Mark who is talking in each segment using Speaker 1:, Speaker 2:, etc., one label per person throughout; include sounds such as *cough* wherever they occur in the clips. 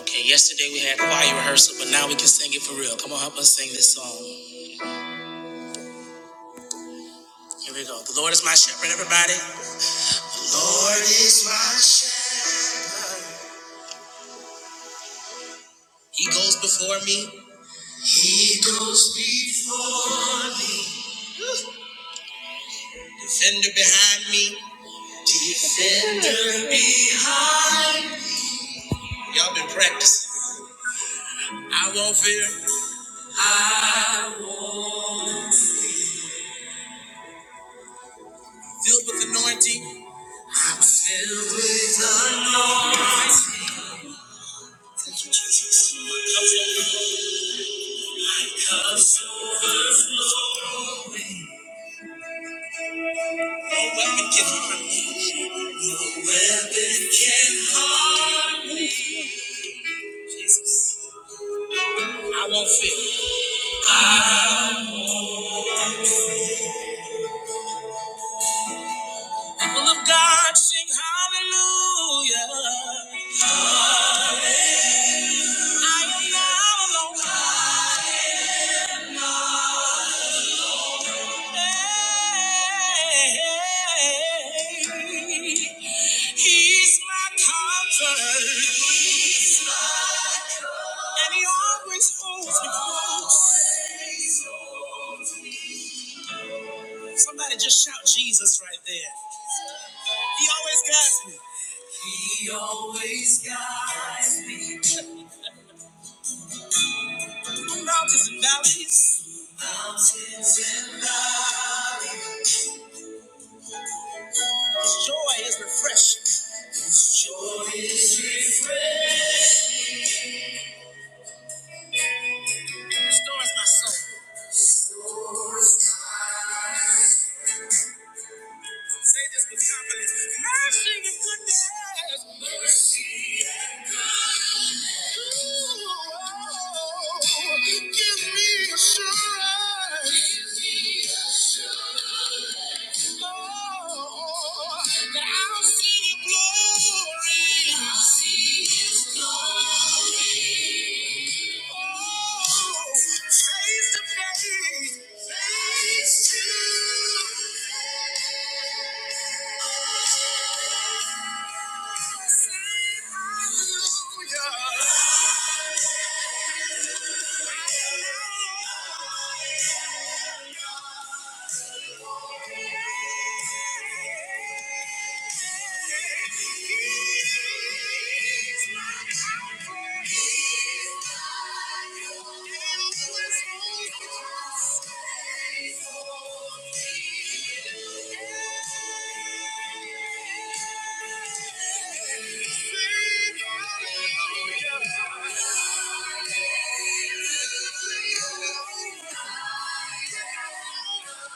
Speaker 1: Okay, yesterday we had choir rehearsal, but now we can sing it for real. Come on, help us sing this song. Here we go. The Lord is my shepherd, everybody. The Lord is my shepherd. He goes before me. He goes before me. Defender behind me. Defender behind. Y'all been practicing. I won't fear. I won't. Filled with anointing. I'm filled with anointing. Jesus, come on. Cups overflowing. No weapon can harm me. No weapon can harm me. I won't fear. People of God sing hallelujah. I am not alone. He's my comfort. And he always holds me close. Somebody just shout Jesus right there. He always guides me. He always guides me. Through mountains and valleys. Mountains and valleys. His joy is refreshing. His refreshing. Restores my soul. Restores my soul. Say this with confidence. Mercy and goodness. Mercy and goodness. Ooh, give me assurance. Give me assurance. Oh, that I'll see your glory. I'll see his glory. Hallelujah. Hallelujah.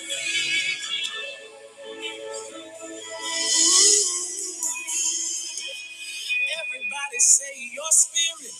Speaker 1: Thank you. Everybody say your spirit,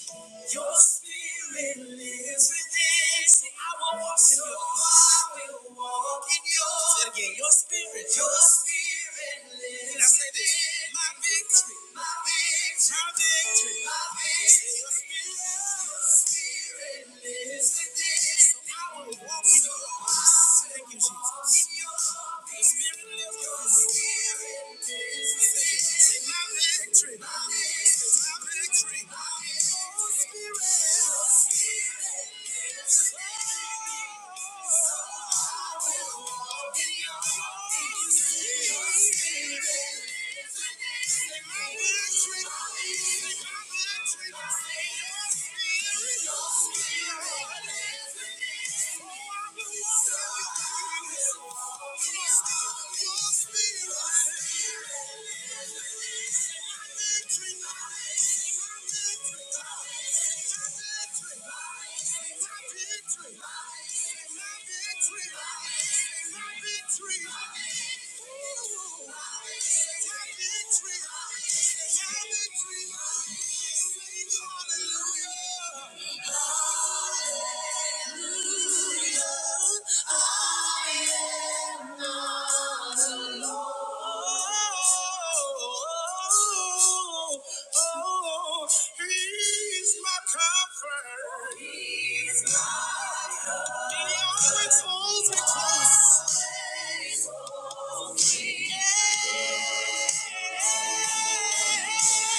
Speaker 1: your spirit lives within. Say I will walk in your. So I will walk in yours. Say it again, your spirit, your spirit lives Now say this, within. my victory, my victory, my victory, my victory. Say your spirit, your spirit lives within. So I will walk in your. Thank you, Jesus. The Spirit lives within me. Say, my victory. Say, my victory. Your Spirit. Your Spirit lives Oh, Spirit. Your Spirit. Say, my victory. Say, my victory. Say, your Spirit. Your Spirit. Hallelujah. He's my comfort. He's my comfort. He always holds me close. Yeah. Thank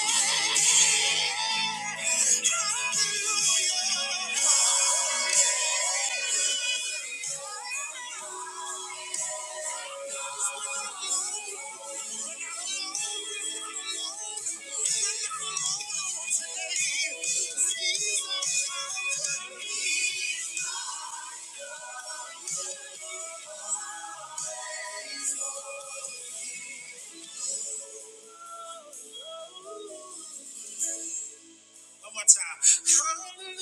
Speaker 1: you. One more time. Hallelujah.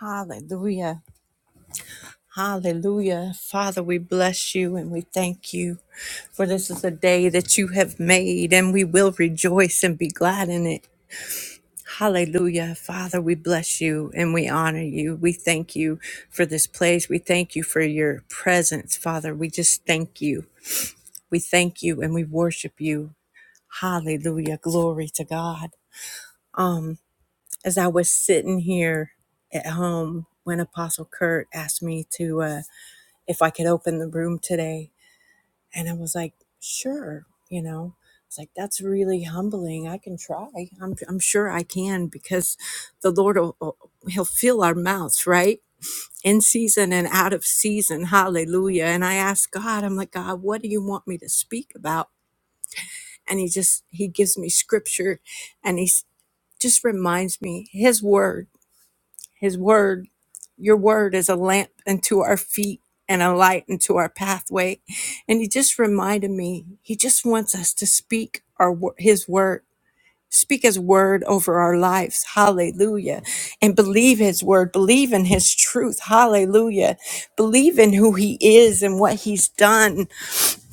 Speaker 1: Hallelujah. Hallelujah. Father, we bless you and we thank you for this is a day that you have made and we will rejoice and be glad in it. Hallelujah. Father, we bless you and we honor you. We thank you for this place. We thank you for your presence, Father. We just thank you. We thank you and we worship you. Hallelujah. Glory to God. Um, as I was sitting here at home when Apostle Kurt asked me to uh if I could open the room today, and I was like, sure, you know. It's like that's really humbling. I can try. I'm I'm sure I can because the Lord will he'll fill our mouths, right? In season and out of season. Hallelujah. And I asked God, I'm like, God, what do you want me to speak about? And he just he gives me scripture and He's just reminds me his word his word your word is a lamp unto our feet and a light unto our pathway and he just reminded me he just wants us to speak our wo- his word speak his word over our lives hallelujah and believe his word believe in his truth hallelujah believe in who he is and what he's done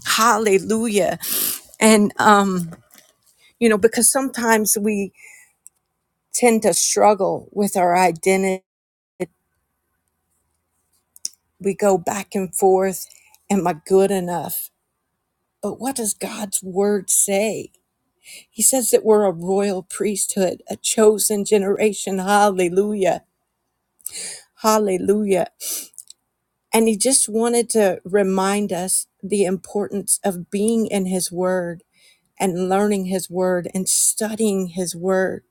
Speaker 1: hallelujah and um you know because sometimes we tend to struggle with our identity. We go back and forth. Am I good enough? But what does God's word say? He says that we're a royal priesthood, a chosen generation. Hallelujah. Hallelujah. And he just wanted to remind us the importance of being in his word and learning his word and studying his word,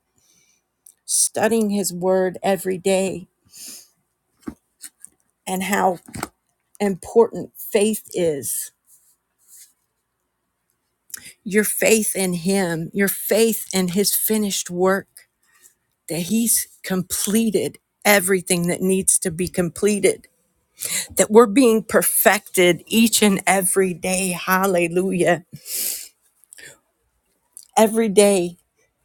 Speaker 1: studying his word every day, and how important faith is your faith in him, your faith in his finished work, that he's completed everything that needs to be completed, that we're being perfected each and every day. Hallelujah. Every day,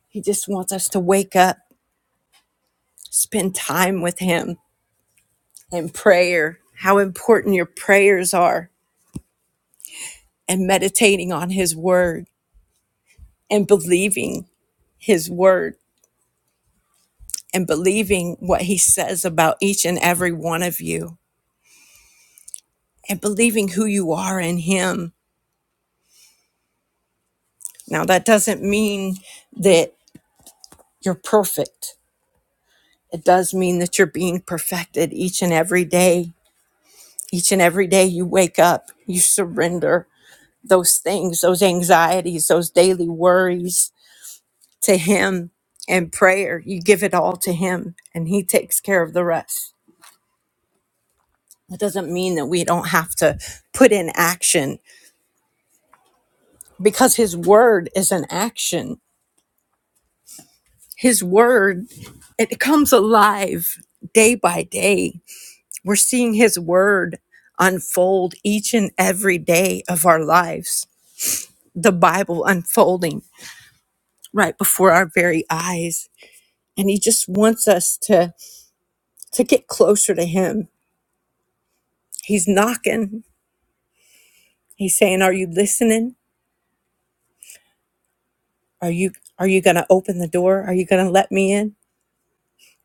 Speaker 1: he just wants us to wake up, spend time with him in prayer, how important your prayers are, and meditating on his word and believing his word and believing what he says about each and every one of you and believing who you are in Him. Now, that doesn't mean that you're perfect. It does mean that you're being perfected each and every day. Each and every day you wake up, you surrender those things, those anxieties, those daily worries to Him and prayer. You give it all to Him, and He takes care of the rest. That doesn't mean that we don't have to put in action because His Word is an action his word it comes alive day by day we're seeing his word unfold each and every day of our lives the bible unfolding right before our very eyes and he just wants us to to get closer to him he's knocking he's saying are you listening are you are you going to open the door are you going to let me in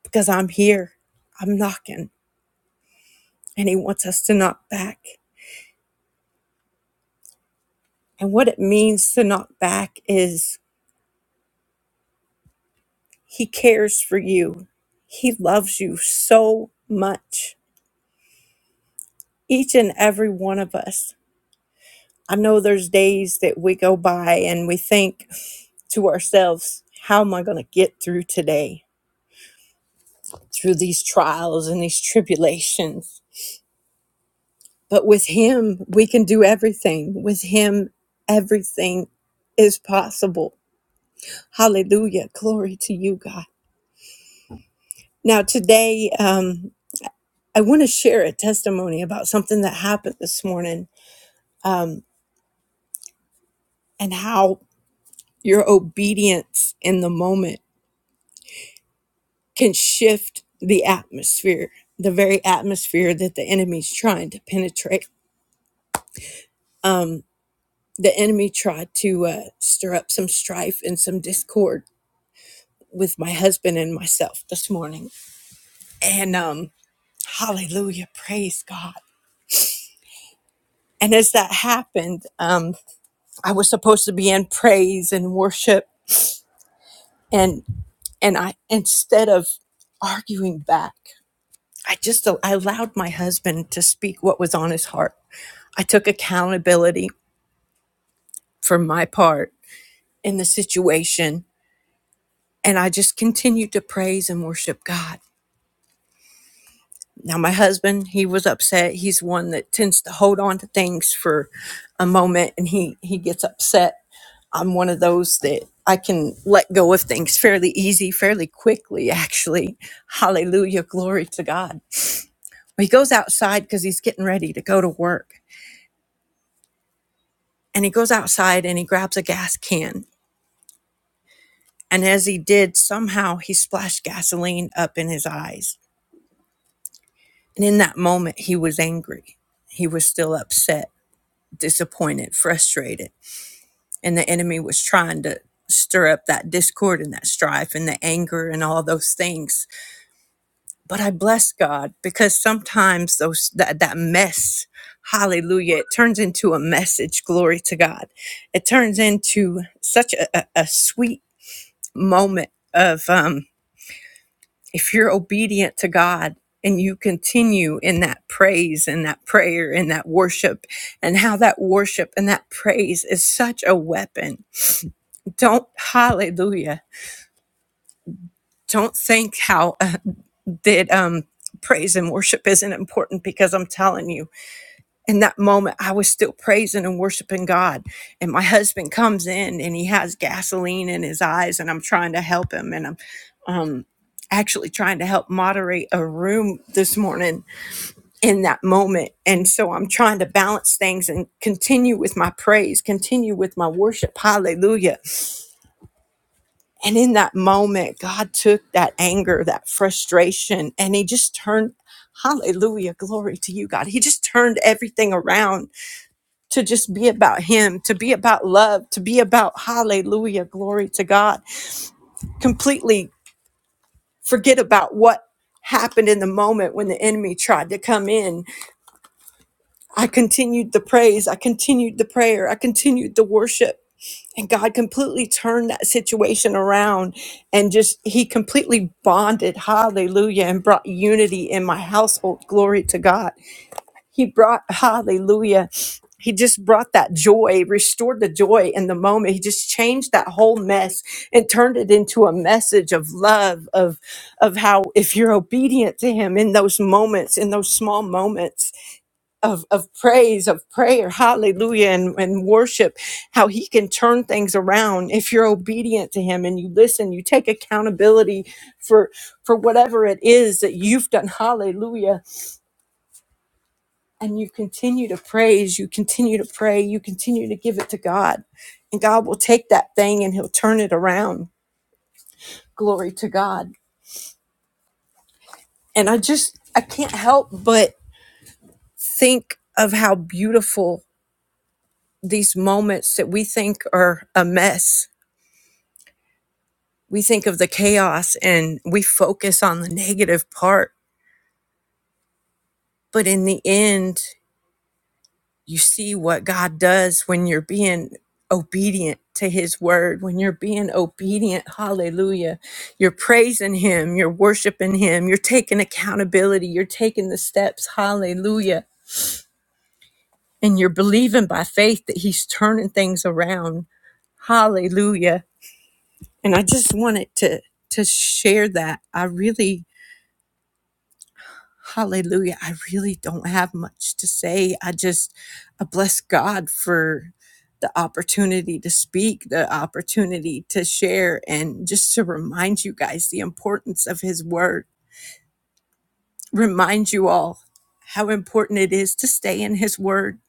Speaker 1: because i'm here i'm knocking and he wants us to knock back and what it means to knock back is He cares for you. He loves you so much. Each and every one of us. I know there's days that we go by and we think to ourselves, how am I going to get through today? Through these trials and these tribulations. But with Him, we can do everything. With Him, everything is possible. Hallelujah. Glory to you, God. Now, today, um, I want to share a testimony about something that happened this morning and how your obedience in the moment can shift the atmosphere, the very atmosphere that the enemy's trying to penetrate. The enemy tried to uh, stir up some strife and some discord with my husband and myself this morning. And um, hallelujah, praise God. And as that happened, um, I was supposed to be in praise and worship, and and I instead of arguing back, I just I allowed my husband to speak what was on his heart. I took accountability for my part in the situation and I just continued to praise and worship God. Now my husband, he was upset. He's one that tends to hold on to things for a moment and he he gets upset. I'm one of those that I can let go of things fairly easy, fairly quickly actually. Hallelujah, glory to God. He goes outside cuz he's getting ready to go to work and he goes outside and he grabs a gas can. And as he did, somehow he splashed gasoline up in his eyes. And in that moment, he was angry. He was still upset, disappointed, frustrated. And the enemy was trying to stir up that discord and that strife and the anger and all those things. But I bless God because sometimes those that, that mess, hallelujah, it turns into a message. Glory to God. It turns into such a, a, a sweet moment of um, if you're obedient to God and you continue in that praise and that prayer and that worship and how that worship and that praise is such a weapon. Don't hallelujah. Don't think how uh, that um, praise and worship isn't important because I'm telling you in that moment i was still praising and worshiping god and my husband comes in and he has gasoline in his eyes and i'm trying to help him and i'm um actually trying to help moderate a room this morning in that moment and so i'm trying to balance things and continue with my praise continue with my worship hallelujah and in that moment god took that anger that frustration and he just turned hallelujah glory to you god he just turned everything around to just be about Him, to be about love, to be about hallelujah, glory to God. Completely forget about what happened in the moment when the enemy tried to come in. I continued the praise, I continued the prayer, I continued the worship. And God completely turned that situation around and just, He completely bonded, hallelujah, and brought unity in my household. Glory to God. He brought, hallelujah, he just brought that joy, restored the joy in the moment. He just changed that whole mess and turned it into a message of love, of, of how if you're obedient to him in those moments, in those small moments of, of praise, of prayer, hallelujah, and, and worship, how he can turn things around if you're obedient to him and you listen, you take accountability for for whatever it is that you've done. Hallelujah and you continue to praise, you continue to pray, you continue to give it to God. And God will take that thing and he'll turn it around. Glory to God. And I just, I can't help but think of how beautiful these moments that we think are a mess. We think of the chaos and we focus on the negative part. But in the end, you see what God does when you're being obedient to his word, when you're being obedient. Hallelujah. You're praising him, you're worshiping him, you're taking accountability, you're taking the steps. Hallelujah. And you're believing by faith that he's turning things around. Hallelujah. And I just wanted to to share that. I really Hallelujah. I really don't have much to say. I just I bless God for the opportunity to speak, the opportunity to share, and just to remind you guys the importance of His Word. Remind you all how important it is to stay in His Word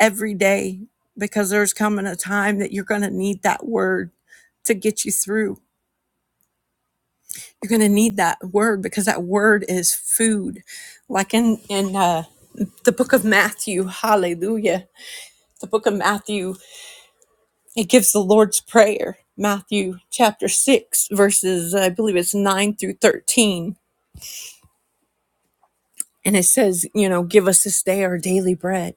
Speaker 1: every day because there's coming a time that you're going to need that Word to get you through You're going to need that word because that word is food. Like in in uh, the book of Matthew, hallelujah. The book of Matthew, it gives the Lord's prayer. Matthew chapter 6 verses I believe it's 9 through 13. And it says, you know, give us this day our daily bread.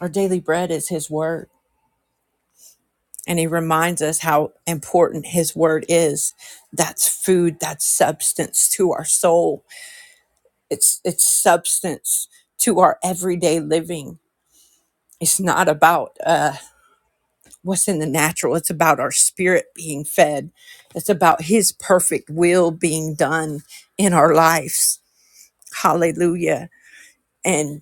Speaker 1: Our daily bread is his word. And he reminds us how important his word is. That's food, that's substance to our soul it's it's substance to our everyday living it's not about uh what's in the natural it's about our spirit being fed it's about his perfect will being done in our lives hallelujah and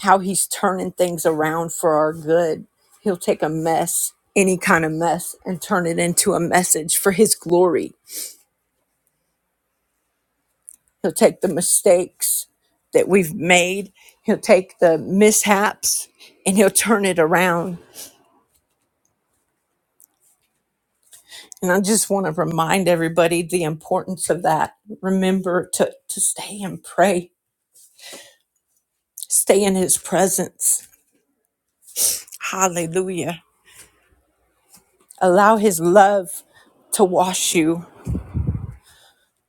Speaker 1: how he's turning things around for our good he'll take a mess any kind of mess and turn it into a message for his glory He'll take the mistakes that we've made. He'll take the mishaps and he'll turn it around. And I just want to remind everybody the importance of that. Remember to, to stay and pray, stay in his presence. Hallelujah. Allow his love to wash you,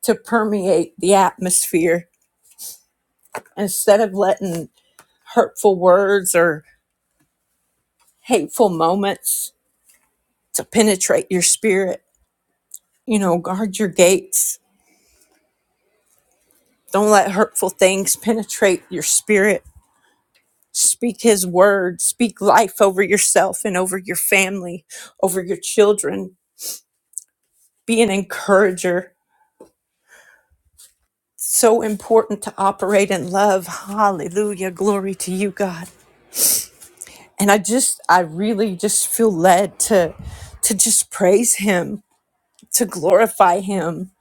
Speaker 1: to permeate the atmosphere instead of letting hurtful words or hateful moments to penetrate your spirit. You know, guard your gates Don't let hurtful things penetrate your spirit. Speak his word. Speak life over yourself and over your family, over your children. Be an encourager. So important to operate in love. Hallelujah. Glory to you, God. And I just, I really just feel led to, to just praise him, to glorify him.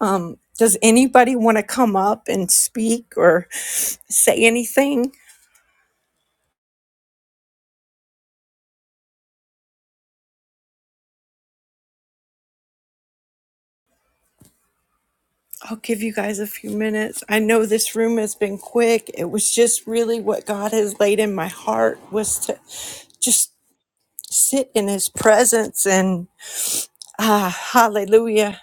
Speaker 1: Um, does anybody want to come up and speak or say anything? I'll give you guys a few minutes. I know this room has been quick. It was just really what God has laid in my heart was to just sit in his presence and ah hallelujah.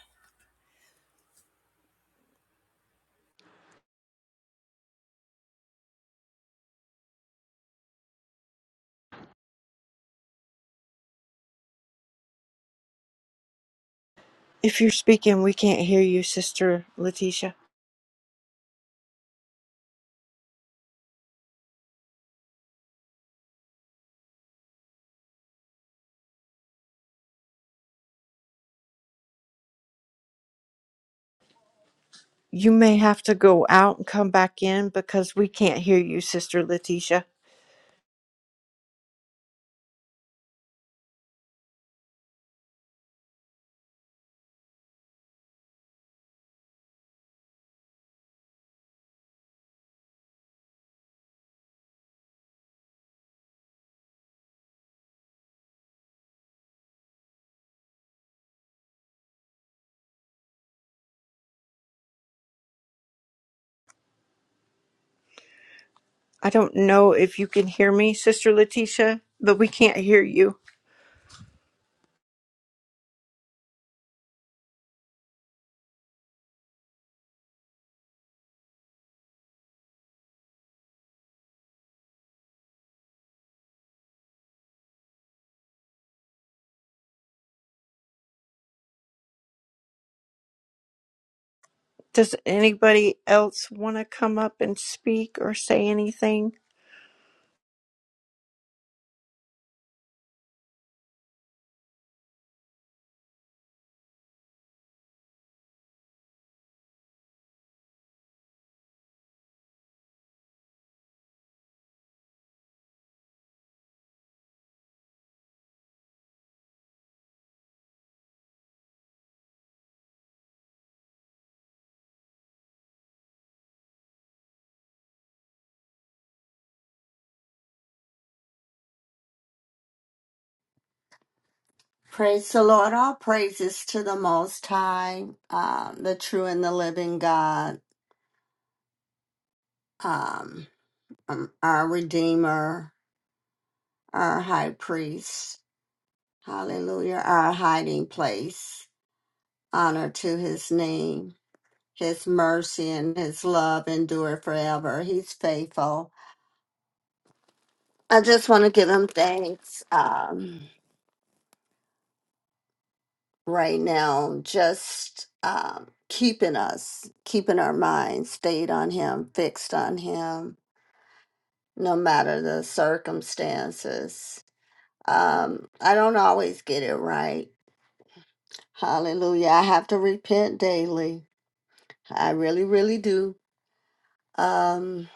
Speaker 1: If you're speaking, we can't hear you, sister Letitia. You may have to go out and come back in because we can't hear you, sister Letitia. I don't know if you can hear me, sister Letitia, but we can't hear you. Does anybody else want to come up and speak or say anything?
Speaker 2: Praise the Lord. All praises to the Most High, um, the true and the living God, um, um, our Redeemer, our High Priest. Hallelujah. Our hiding place. Honor to his name. His mercy and his love endure forever. He's faithful. I just want to give him thanks um, right now, just um, keeping us, keeping our minds stayed on him, fixed on him no matter the circumstances. Um, I don't always get it right. Hallelujah. I have to repent daily. I really, really do. Um,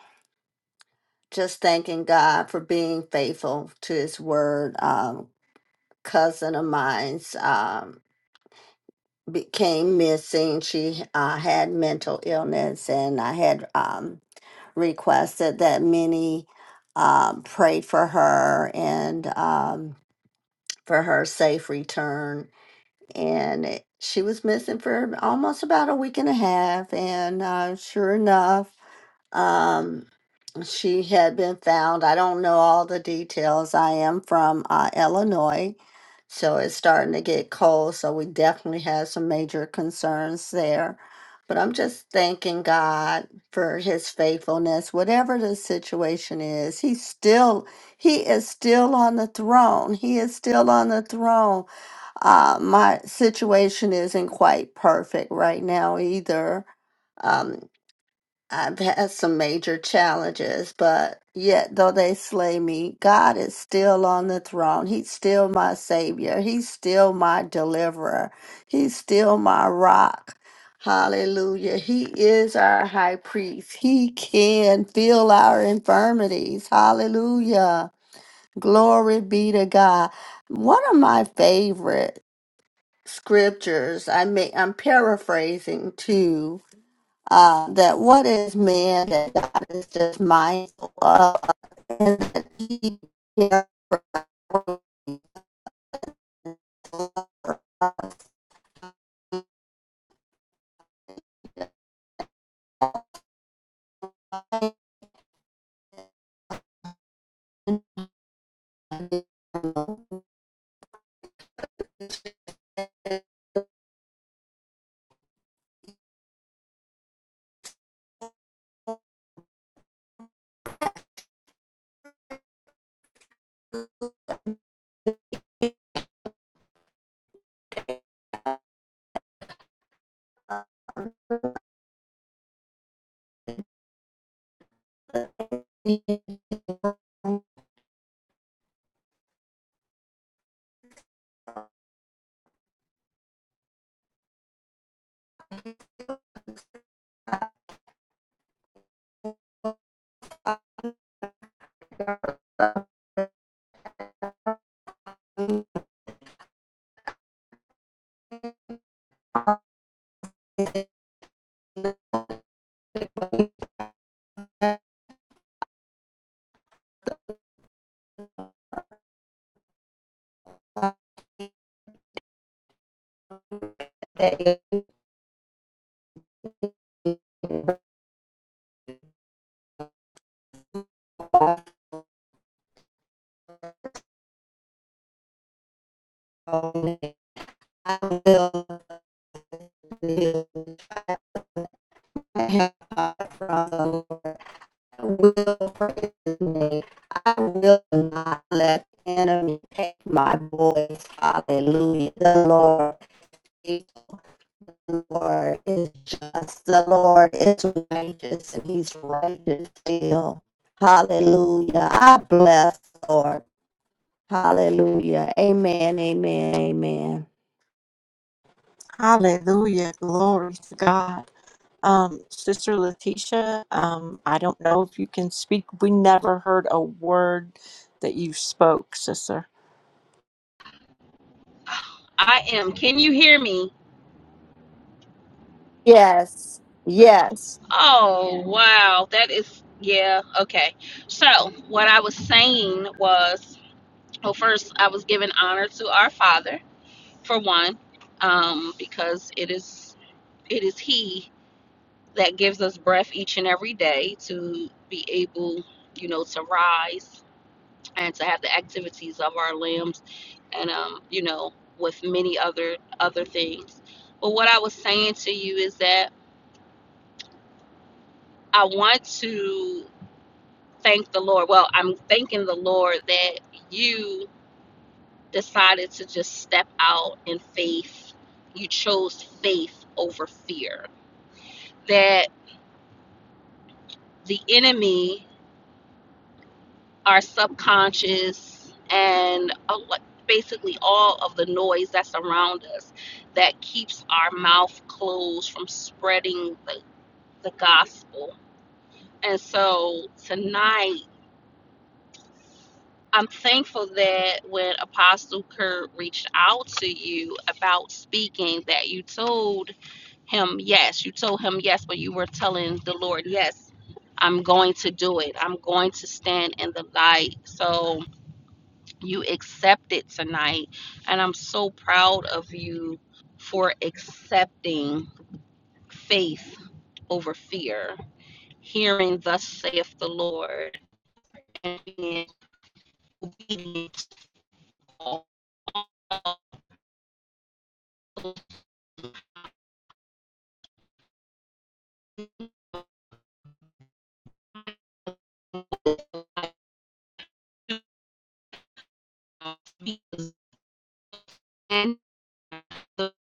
Speaker 2: just thanking God for being faithful to his word. Um, cousin of mine's um, became missing. She uh, had mental illness, and I had um, requested that many um, pray for her and um, for her safe return and it, she was missing for almost about a week and a half and uh, sure enough um, she had been found i don't know all the details i am from uh, illinois so it's starting to get cold so we definitely have some major concerns there but i'm just thanking god for his faithfulness whatever the situation is he's still he is still on the throne he is still on the throne uh, my situation isn't quite perfect right now either. Um, I've had some major challenges, but yet though they slay me, God is still on the throne. He's still my savior. He's still my deliverer. He's still my rock. Hallelujah. He is our high priest. He can feel our infirmities. Hallelujah. Glory be to God. One of my favorites scriptures. I may I'm paraphrasing too. Uh, that what is man that God is just mindful of, and that He cares for him. uh, That He knows that he is wrong, and I will do. I have heart from the Lord. I will praise His name. I will not let the enemy take my voice. Hallelujah, the Lord. faithful. The Lord is just. The Lord is righteous and he's righteous still. Hallelujah. I bless the Lord. Hallelujah. Amen. Amen. Amen.
Speaker 1: Hallelujah. Glory to God. Um, Sister Letitia, um, I don't know if you can speak. We never heard a word that you spoke, Sister.
Speaker 3: I am. Can you hear me?
Speaker 2: Yes. Yes.
Speaker 3: Oh, wow. That is, yeah, okay. So, what I was saying was, well, first, I was giving honor to our Father, for one, um, because it is it is He that gives us breath each and every day to be able, you know, to rise and to have the activities of our limbs, and um, you know, with many other other things. But what I was saying to you is that I want to thank the Lord. Well, I'm thanking the Lord that you decided to just step out in faith. You chose faith over fear. That the enemy, our subconscious, and a lo- basically all of the noise that's around us that keeps our mouth closed from spreading the, the gospel. And so tonight, I'm thankful that when Apostle Kurt reached out to you about speaking, that you told him yes. You told him yes, but you were telling the Lord, yes, I'm going to do it. I'm going to stand in the light. So you accepted tonight. And I'm so proud of you for accepting faith over fear, hearing, Thus saith the Lord, and being obedient to all uh, because then the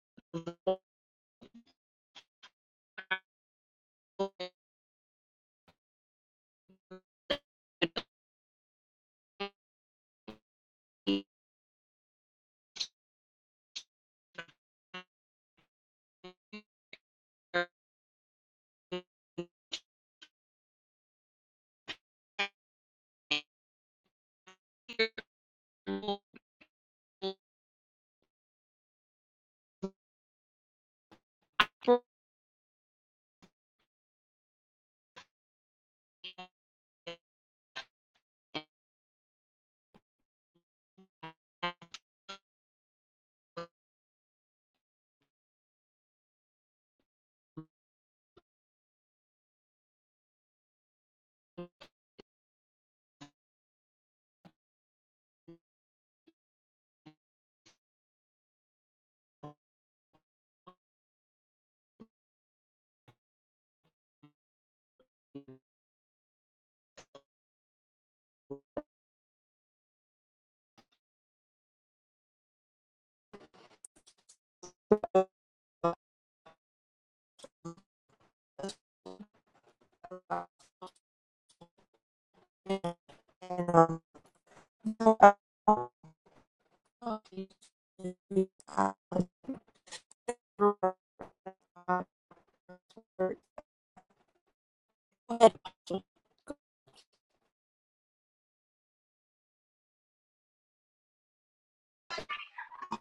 Speaker 1: Um,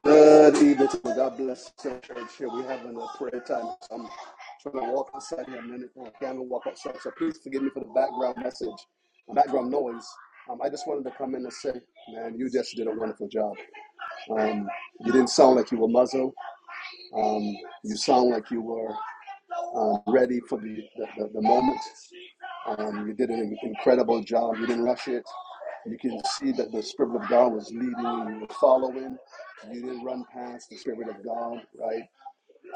Speaker 4: Good evening. to you. God bless the church here. We're having a prayer time. So I'm trying to walk outside here a minute. I can't walk outside. So please forgive me for the background message, background noise. Um, I just wanted to come in and say, man, you just did a wonderful job. Um, you didn't sound like you were muzzled. Um, you sound like you were um, ready for the, the, the, the moment. Um, you did an incredible job. You didn't rush it. You can see that the Spirit of God was leading you, you were following. You didn't run past the Spirit of God, right?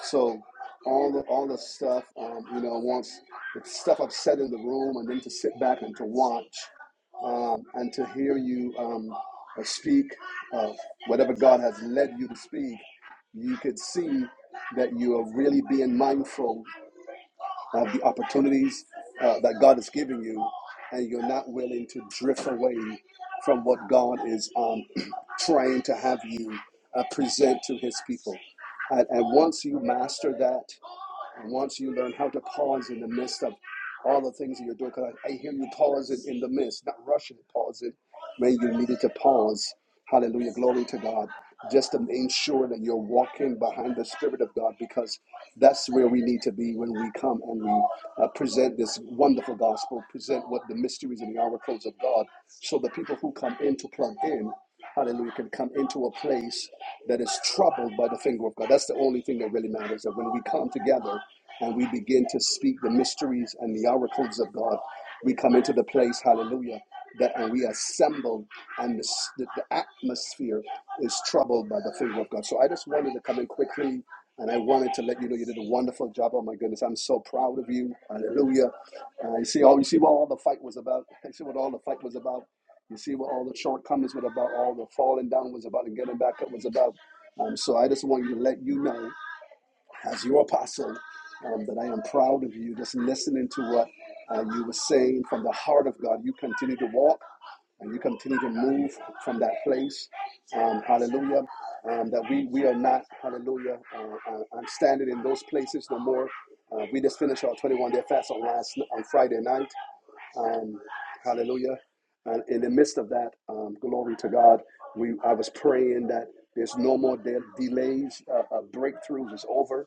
Speaker 4: So all the all the stuff, um, you know, once the stuff upset in the room, and then to sit back and to watch, um, and to hear you um, uh, speak uh, whatever God has led you to speak, you could see that you are really being mindful of the opportunities uh, that God is giving you, and you're not willing to drift away from what God is um, *clears throat* trying to have you uh, present to His people. And, and once you master that, once you learn how to pause in the midst of all the things that you're doing, because I, I hear you pause it in the midst, not rushing, pause it when you needed to pause. Hallelujah. Glory to God. Just to ensure that you're walking behind the Spirit of God, because that's where we need to be when we come and we uh, present this wonderful gospel, present what the mysteries and the oracles of God, so the people who come in to plug in hallelujah, can come into a place that is troubled by the finger of God. That's the only thing that really matters. That when we come together and we begin to speak the mysteries and the oracles of God, we come into the place, hallelujah, that and we assemble, and the, s- the, the atmosphere is troubled by the finger of God. So I just wanted to come in quickly. And I wanted to let you know you did a wonderful job. Oh my goodness, I'm so proud of you. Hallelujah. Uh, you see all you see what all the fight was about. *laughs* You see what all the fight was about. You see what all the shortcomings were about, all the falling down was about, and getting back up was about. Um, so I just want you to let you know, as your apostle, um, that I am proud of you. Just listening to what uh, you were saying from the heart of God, you continue to walk and you continue to move from that place. Um, hallelujah. Um, that we, we are not, hallelujah, uh, uh, I'm standing in those places no more. Uh, we just finished our 21 day fast on last on Friday night. Um, hallelujah. And in the midst of that, um, glory to God, we I was praying that there's no more de- delays, uh, uh, breakthroughs is over.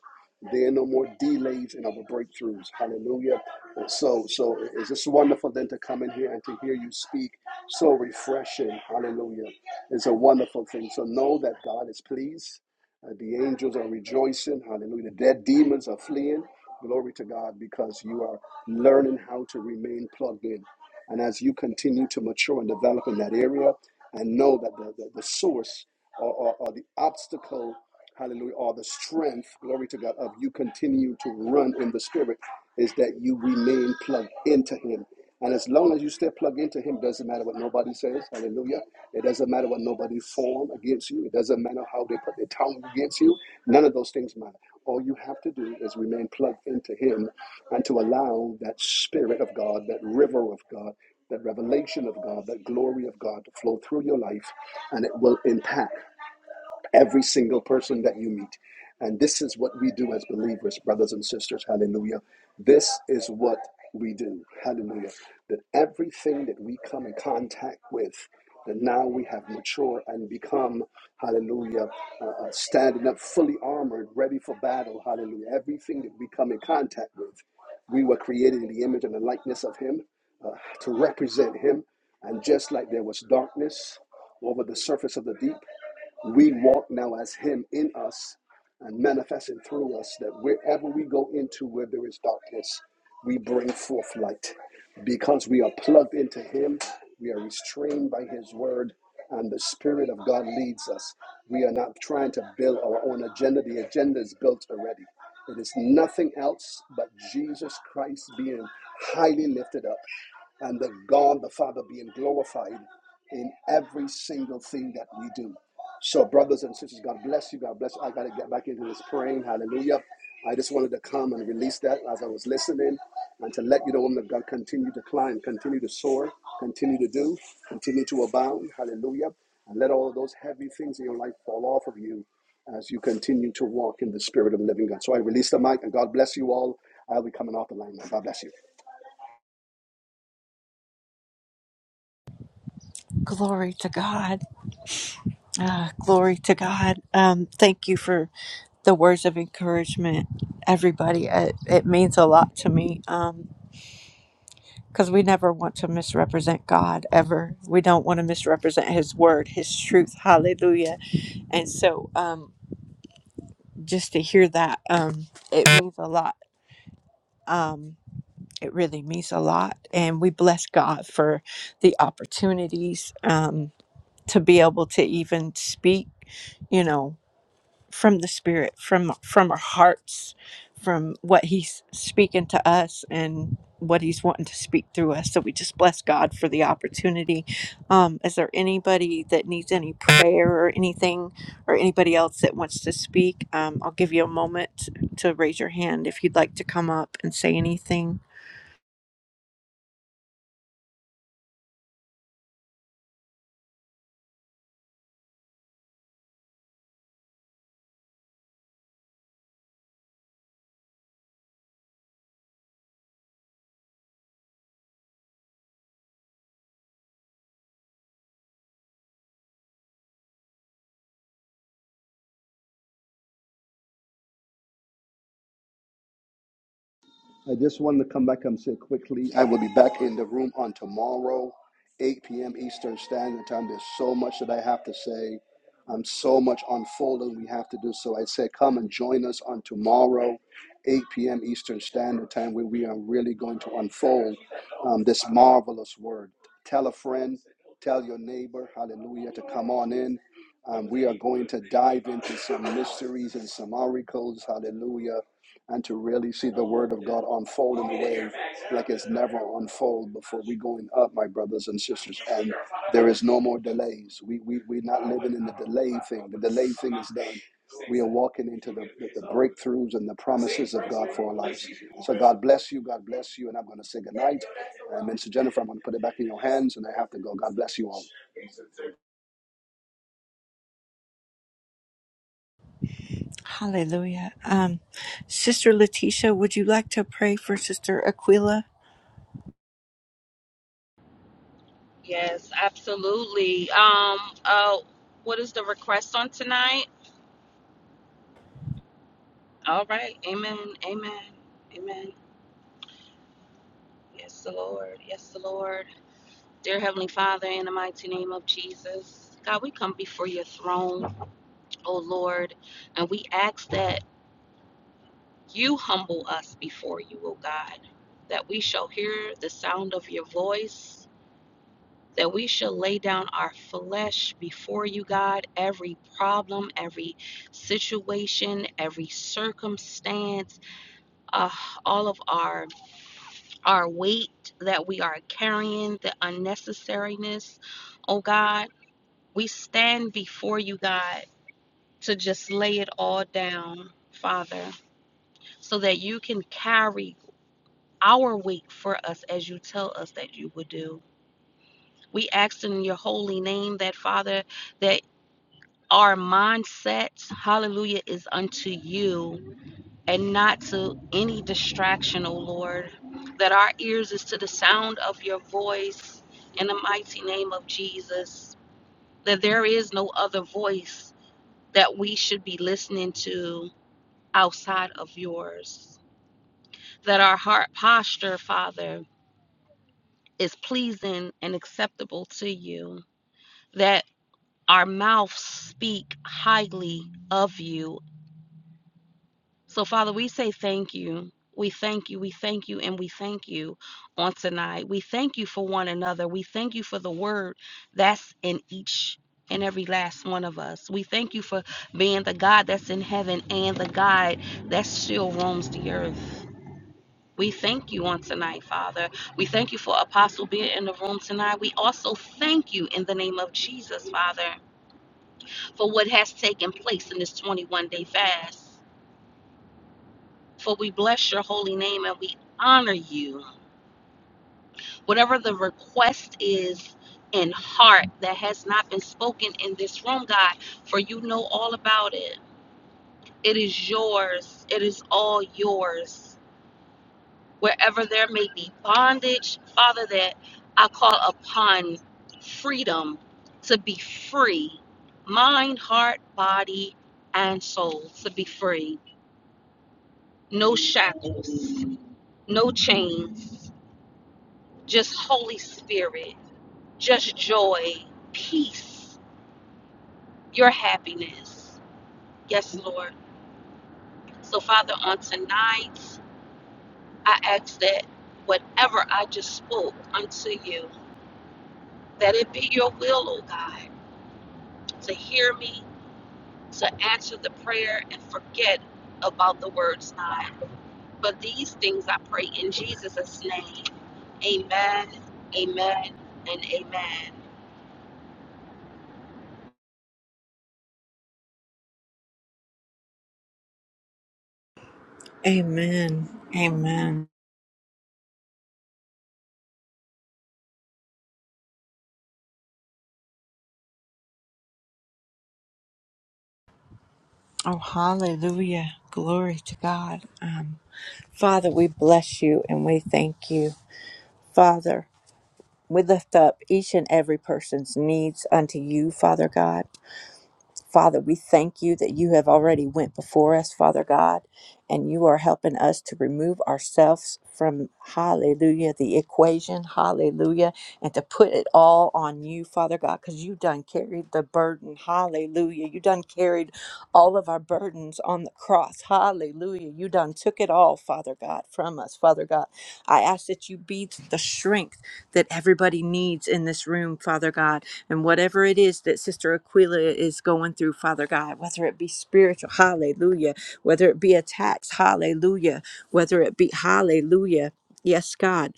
Speaker 4: There are no more delays in our breakthroughs. Hallelujah. so, so it's just wonderful then to come in here and to hear you speak. So refreshing. Hallelujah. It's a wonderful thing. So know that God is pleased. Uh, the angels are rejoicing. Hallelujah. The dead demons are fleeing. Glory to God because you are learning how to remain plugged in. And as you continue to mature and develop in that area and know that the, the, the source or, or, or the obstacle, hallelujah, or the strength, glory to God, of you continue to run in the spirit is that you remain plugged into him. And as long as you stay plugged into him, doesn't matter what nobody says, hallelujah. It doesn't matter what nobody form against you. It doesn't matter how they put their tongue against you. None of those things matter. All you have to do is remain plugged into Him and to allow that Spirit of God, that river of God, that revelation of God, that glory of God to flow through your life, and it will impact every single person that you meet. And this is what we do as believers, brothers and sisters. Hallelujah. This is what we do. Hallelujah. That everything that we come in contact with, that now we have matured and become, hallelujah, uh, uh, standing up fully armored, ready for battle. Hallelujah. Everything that we come in contact with, we were created in the image and the likeness of Him uh, to represent Him. And just like there was darkness over the surface of the deep, we walk now as Him in us and manifesting through us that wherever we go into where there is darkness, we bring forth light. Because we are plugged into Him, we are restrained by His word, and the Spirit of God leads us. We are not trying to build our own agenda, the agenda is built already. It is nothing else but Jesus Christ being highly lifted up and the God the Father being glorified in every single thing that we do. So, brothers and sisters, God bless you. God bless you. I got to get back into this praying. Hallelujah. I just wanted to come and release that as I was listening and to let you know, woman of God, continue to climb, continue to soar, continue to do, continue to abound. Hallelujah. And let all of those heavy things in your life fall off of you as you continue to walk in the spirit of the living God. So I release the mic and God bless you all. I'll be coming off the line now. God bless you.
Speaker 1: Glory to God. Ah, glory to God. Um, thank you for the words of encouragement, everybody. It, it means a lot to me. Um, because we never want to misrepresent God ever. We don't want to misrepresent His word, His truth. Hallelujah. And so, um, just to hear that, um, it means a lot. Um, it really means a lot. And we bless God for the opportunities um, to be able to even speak, you know. from the spirit from from our hearts from what he's speaking to us and what he's wanting to speak through us so we just bless god for the opportunity um is there anybody that needs any prayer or anything or anybody else that wants to speak um i'll give you a moment to raise your hand if you'd like to come up and say anything
Speaker 4: I just wanted to come back and say quickly, I will be back in the room on tomorrow, 8 p.m. Eastern Standard Time. There's so much that I have to say. I'm so much unfolding we have to do. So I say, come and join us on tomorrow, 8 p.m. Eastern Standard Time, where we are really going to unfold um, this marvelous word. Tell a friend, tell your neighbor, hallelujah, to come on in. Um, we are going to dive into some mysteries and some oracles, hallelujah and to really see the word of God unfold in a way like it's never unfold before we going up, my brothers and sisters. And there is no more delays. We we we're not living in the delay thing. The delay thing is done. We are walking into the, the, the breakthroughs and the promises of God for our lives. So God bless you. God bless you. And I'm going to say good night. And Minister Jennifer, I'm going to put it back in your hands and I have to go. God bless you all.
Speaker 1: hallelujah um sister letitia would you like to pray for sister aquila
Speaker 3: Yes, absolutely. Um, uh, what is the request on tonight? All right. Amen. Amen. Amen. Yes, the Lord. Yes, the Lord. Dear Heavenly Father, in the mighty name of Jesus, God, we come before your throne, O Lord, and we ask that you humble us before you, O God, that we shall hear the sound of your voice that we shall lay down our flesh before you, God. Every problem, every situation, every circumstance, uh, all of our our weight that we are carrying, the unnecessariness, oh God, we stand before you, God, to just lay it all down, Father, so that you can carry our weight for us as you tell us that you would do. We ask in your holy name that, Father, that our mindset, hallelujah, is unto you and not to any distraction, O Lord. That our ears is to the sound of your voice in the mighty name of Jesus. That there is no other voice that we should be listening to outside of yours. That our heart posture, Father, is pleasing and acceptable to you. That our mouths speak highly of you So, Father, we say thank you. We thank you. We thank you. And we thank you on tonight. We thank you for one another. We thank you for the word that's in each and every last one of us. We thank you for being the God that's in heaven and the God that still roams the earth. We thank you on tonight, Father. We thank you for Apostle being in the room tonight. We also thank you in the name of Jesus, Father, for what has taken place in this 21 day fast. For we bless your holy name and we honor you. Whatever the request is in heart that has not been spoken in this room, God, for you know all about it. It is yours, it is all yours. Wherever there may be bondage, Father, that I call upon freedom to be free mind, heart, body, and soul to be free. No shackles, no chains just Holy Spirit, just joy, peace, your happiness. Yes, Lord. So, Father, on tonight, I ask that whatever I just spoke unto you, that it be your will, O God, to hear me, to answer the prayer, and forget about the words not. But these things I pray in Jesus' name. Amen, amen, and amen.
Speaker 1: amen amen Oh, hallelujah. Glory to God. Um, Father, we bless you and we thank you. Father, we lift up each and every person's needs unto you, Father God. Father, we thank you that you have already went before us, Father God, and you are helping us to remove ourselves from hallelujah the equation, hallelujah, and to put it all on you, Father God, cuz you done carried the burden, hallelujah. You done carried all of our burdens on the cross, hallelujah. You done took it all, Father God, from us, Father God. I ask that you be the strength that everybody needs in this room, Father God. And whatever it is that Sister Aquila is going through, Father God, whether it be spiritual, hallelujah, whether it be attacks, hallelujah, whether it be, hallelujah, yes, God.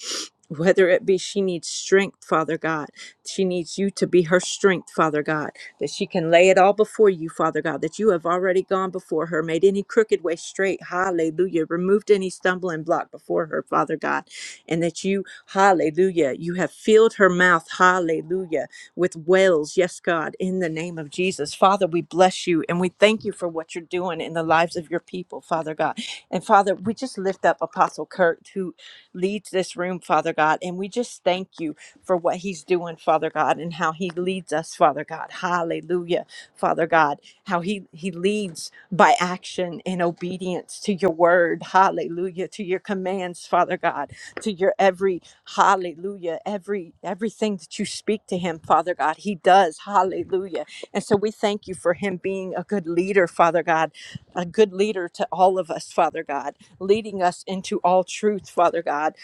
Speaker 1: Whether it be she needs strength, Father God. She needs you to be her strength, Father God that she can lay it all before you, Father God, that you have already gone before her, made any crooked way straight. Hallelujah. Removed any stumbling block before her, Father God, and that you, hallelujah, you have filled her mouth, hallelujah, with wells. Yes, God, in the name of Jesus. Father, we bless you and we thank you for what you're doing in the lives of your people, Father God. And Father, we just lift up Apostle Kurt, who leads this room, Father God, and we just thank you for what he's doing, Father God, and how he leads us, Father God. Hallelujah, Father God, how he, he leads by action in obedience to your word. Hallelujah, to your commands, Father God, to your every hallelujah, every everything that you speak to him, Father God, he does. Hallelujah. Hallelujah. And so we thank you for him being a good leader, Father God, a good leader to all of us, Father God, leading us into all truth, Father God.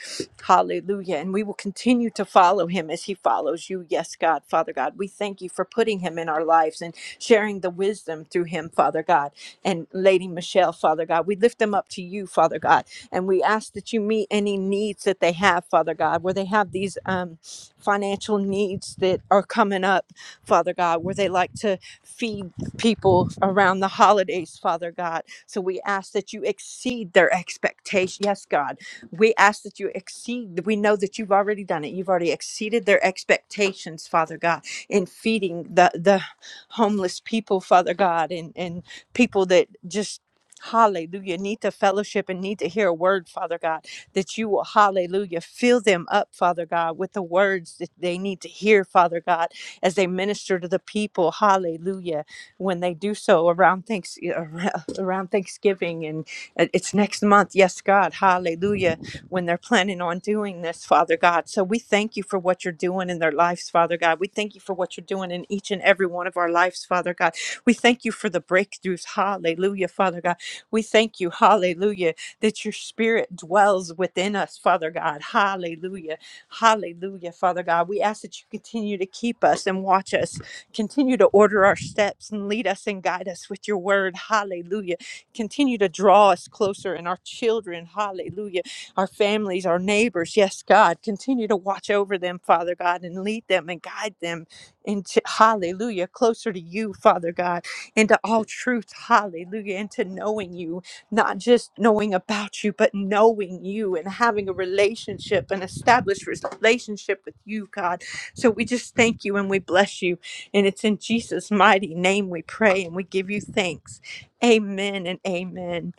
Speaker 1: Hallelujah. And we will continue to follow him as he follows you. Yes, God, Father God. We thank you for putting him in our lives and sharing the wisdom through him, Father God. And Lady Michelle, Father God, we lift them up to you, Father God. And we ask that you meet any needs that they have, Father God, where they have these um, financial needs that are coming up. Father God, where they like to feed people around the holidays, Father God. So we ask that you exceed their expectation. Yes, God. We ask that you exceed. We know that you've already done it. You've already exceeded their expectations, Father God, in feeding the the homeless people, Father God, and and people that just Hallelujah. Need to fellowship and need to hear a word, Father God, that you will, hallelujah, fill them up, Father God, with the words that they need to hear, Father God, as they minister to the people. Hallelujah. When they do so around thanks *laughs* around Thanksgiving and uh, it's next month. Yes, God. Hallelujah. When they're planning on doing this, Father God. So we thank you for what you're doing in their lives, Father God. We thank you for what you're doing in each and every one of our lives, Father God. We thank you for the breakthroughs. Hallelujah, Father God. We thank you, hallelujah, that your spirit dwells within us, Father God. Hallelujah. Hallelujah, Father God. We ask that you continue to keep us and watch us, continue to order our steps and lead us and guide us with your word. Hallelujah. Continue to draw us closer and our children. Hallelujah. Our families, our neighbors. Yes, God. Continue to watch over them, Father God, and lead them and guide them into hallelujah closer to you father god into all truth hallelujah into knowing you not just knowing about you, but knowing you and having a relationship and established relationship with you, God. So we just thank you and we bless you. And it's in Jesus' mighty name we pray and we give you thanks. Amen and amen.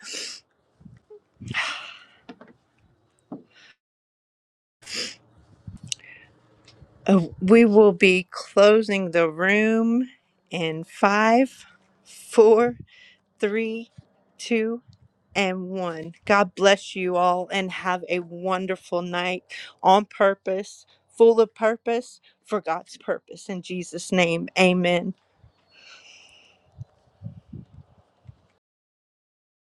Speaker 1: Uh, we will be closing the room in five, four, three, two, and one. God bless you all and have a wonderful night on purpose, full of purpose for God's purpose. In Jesus' name, amen.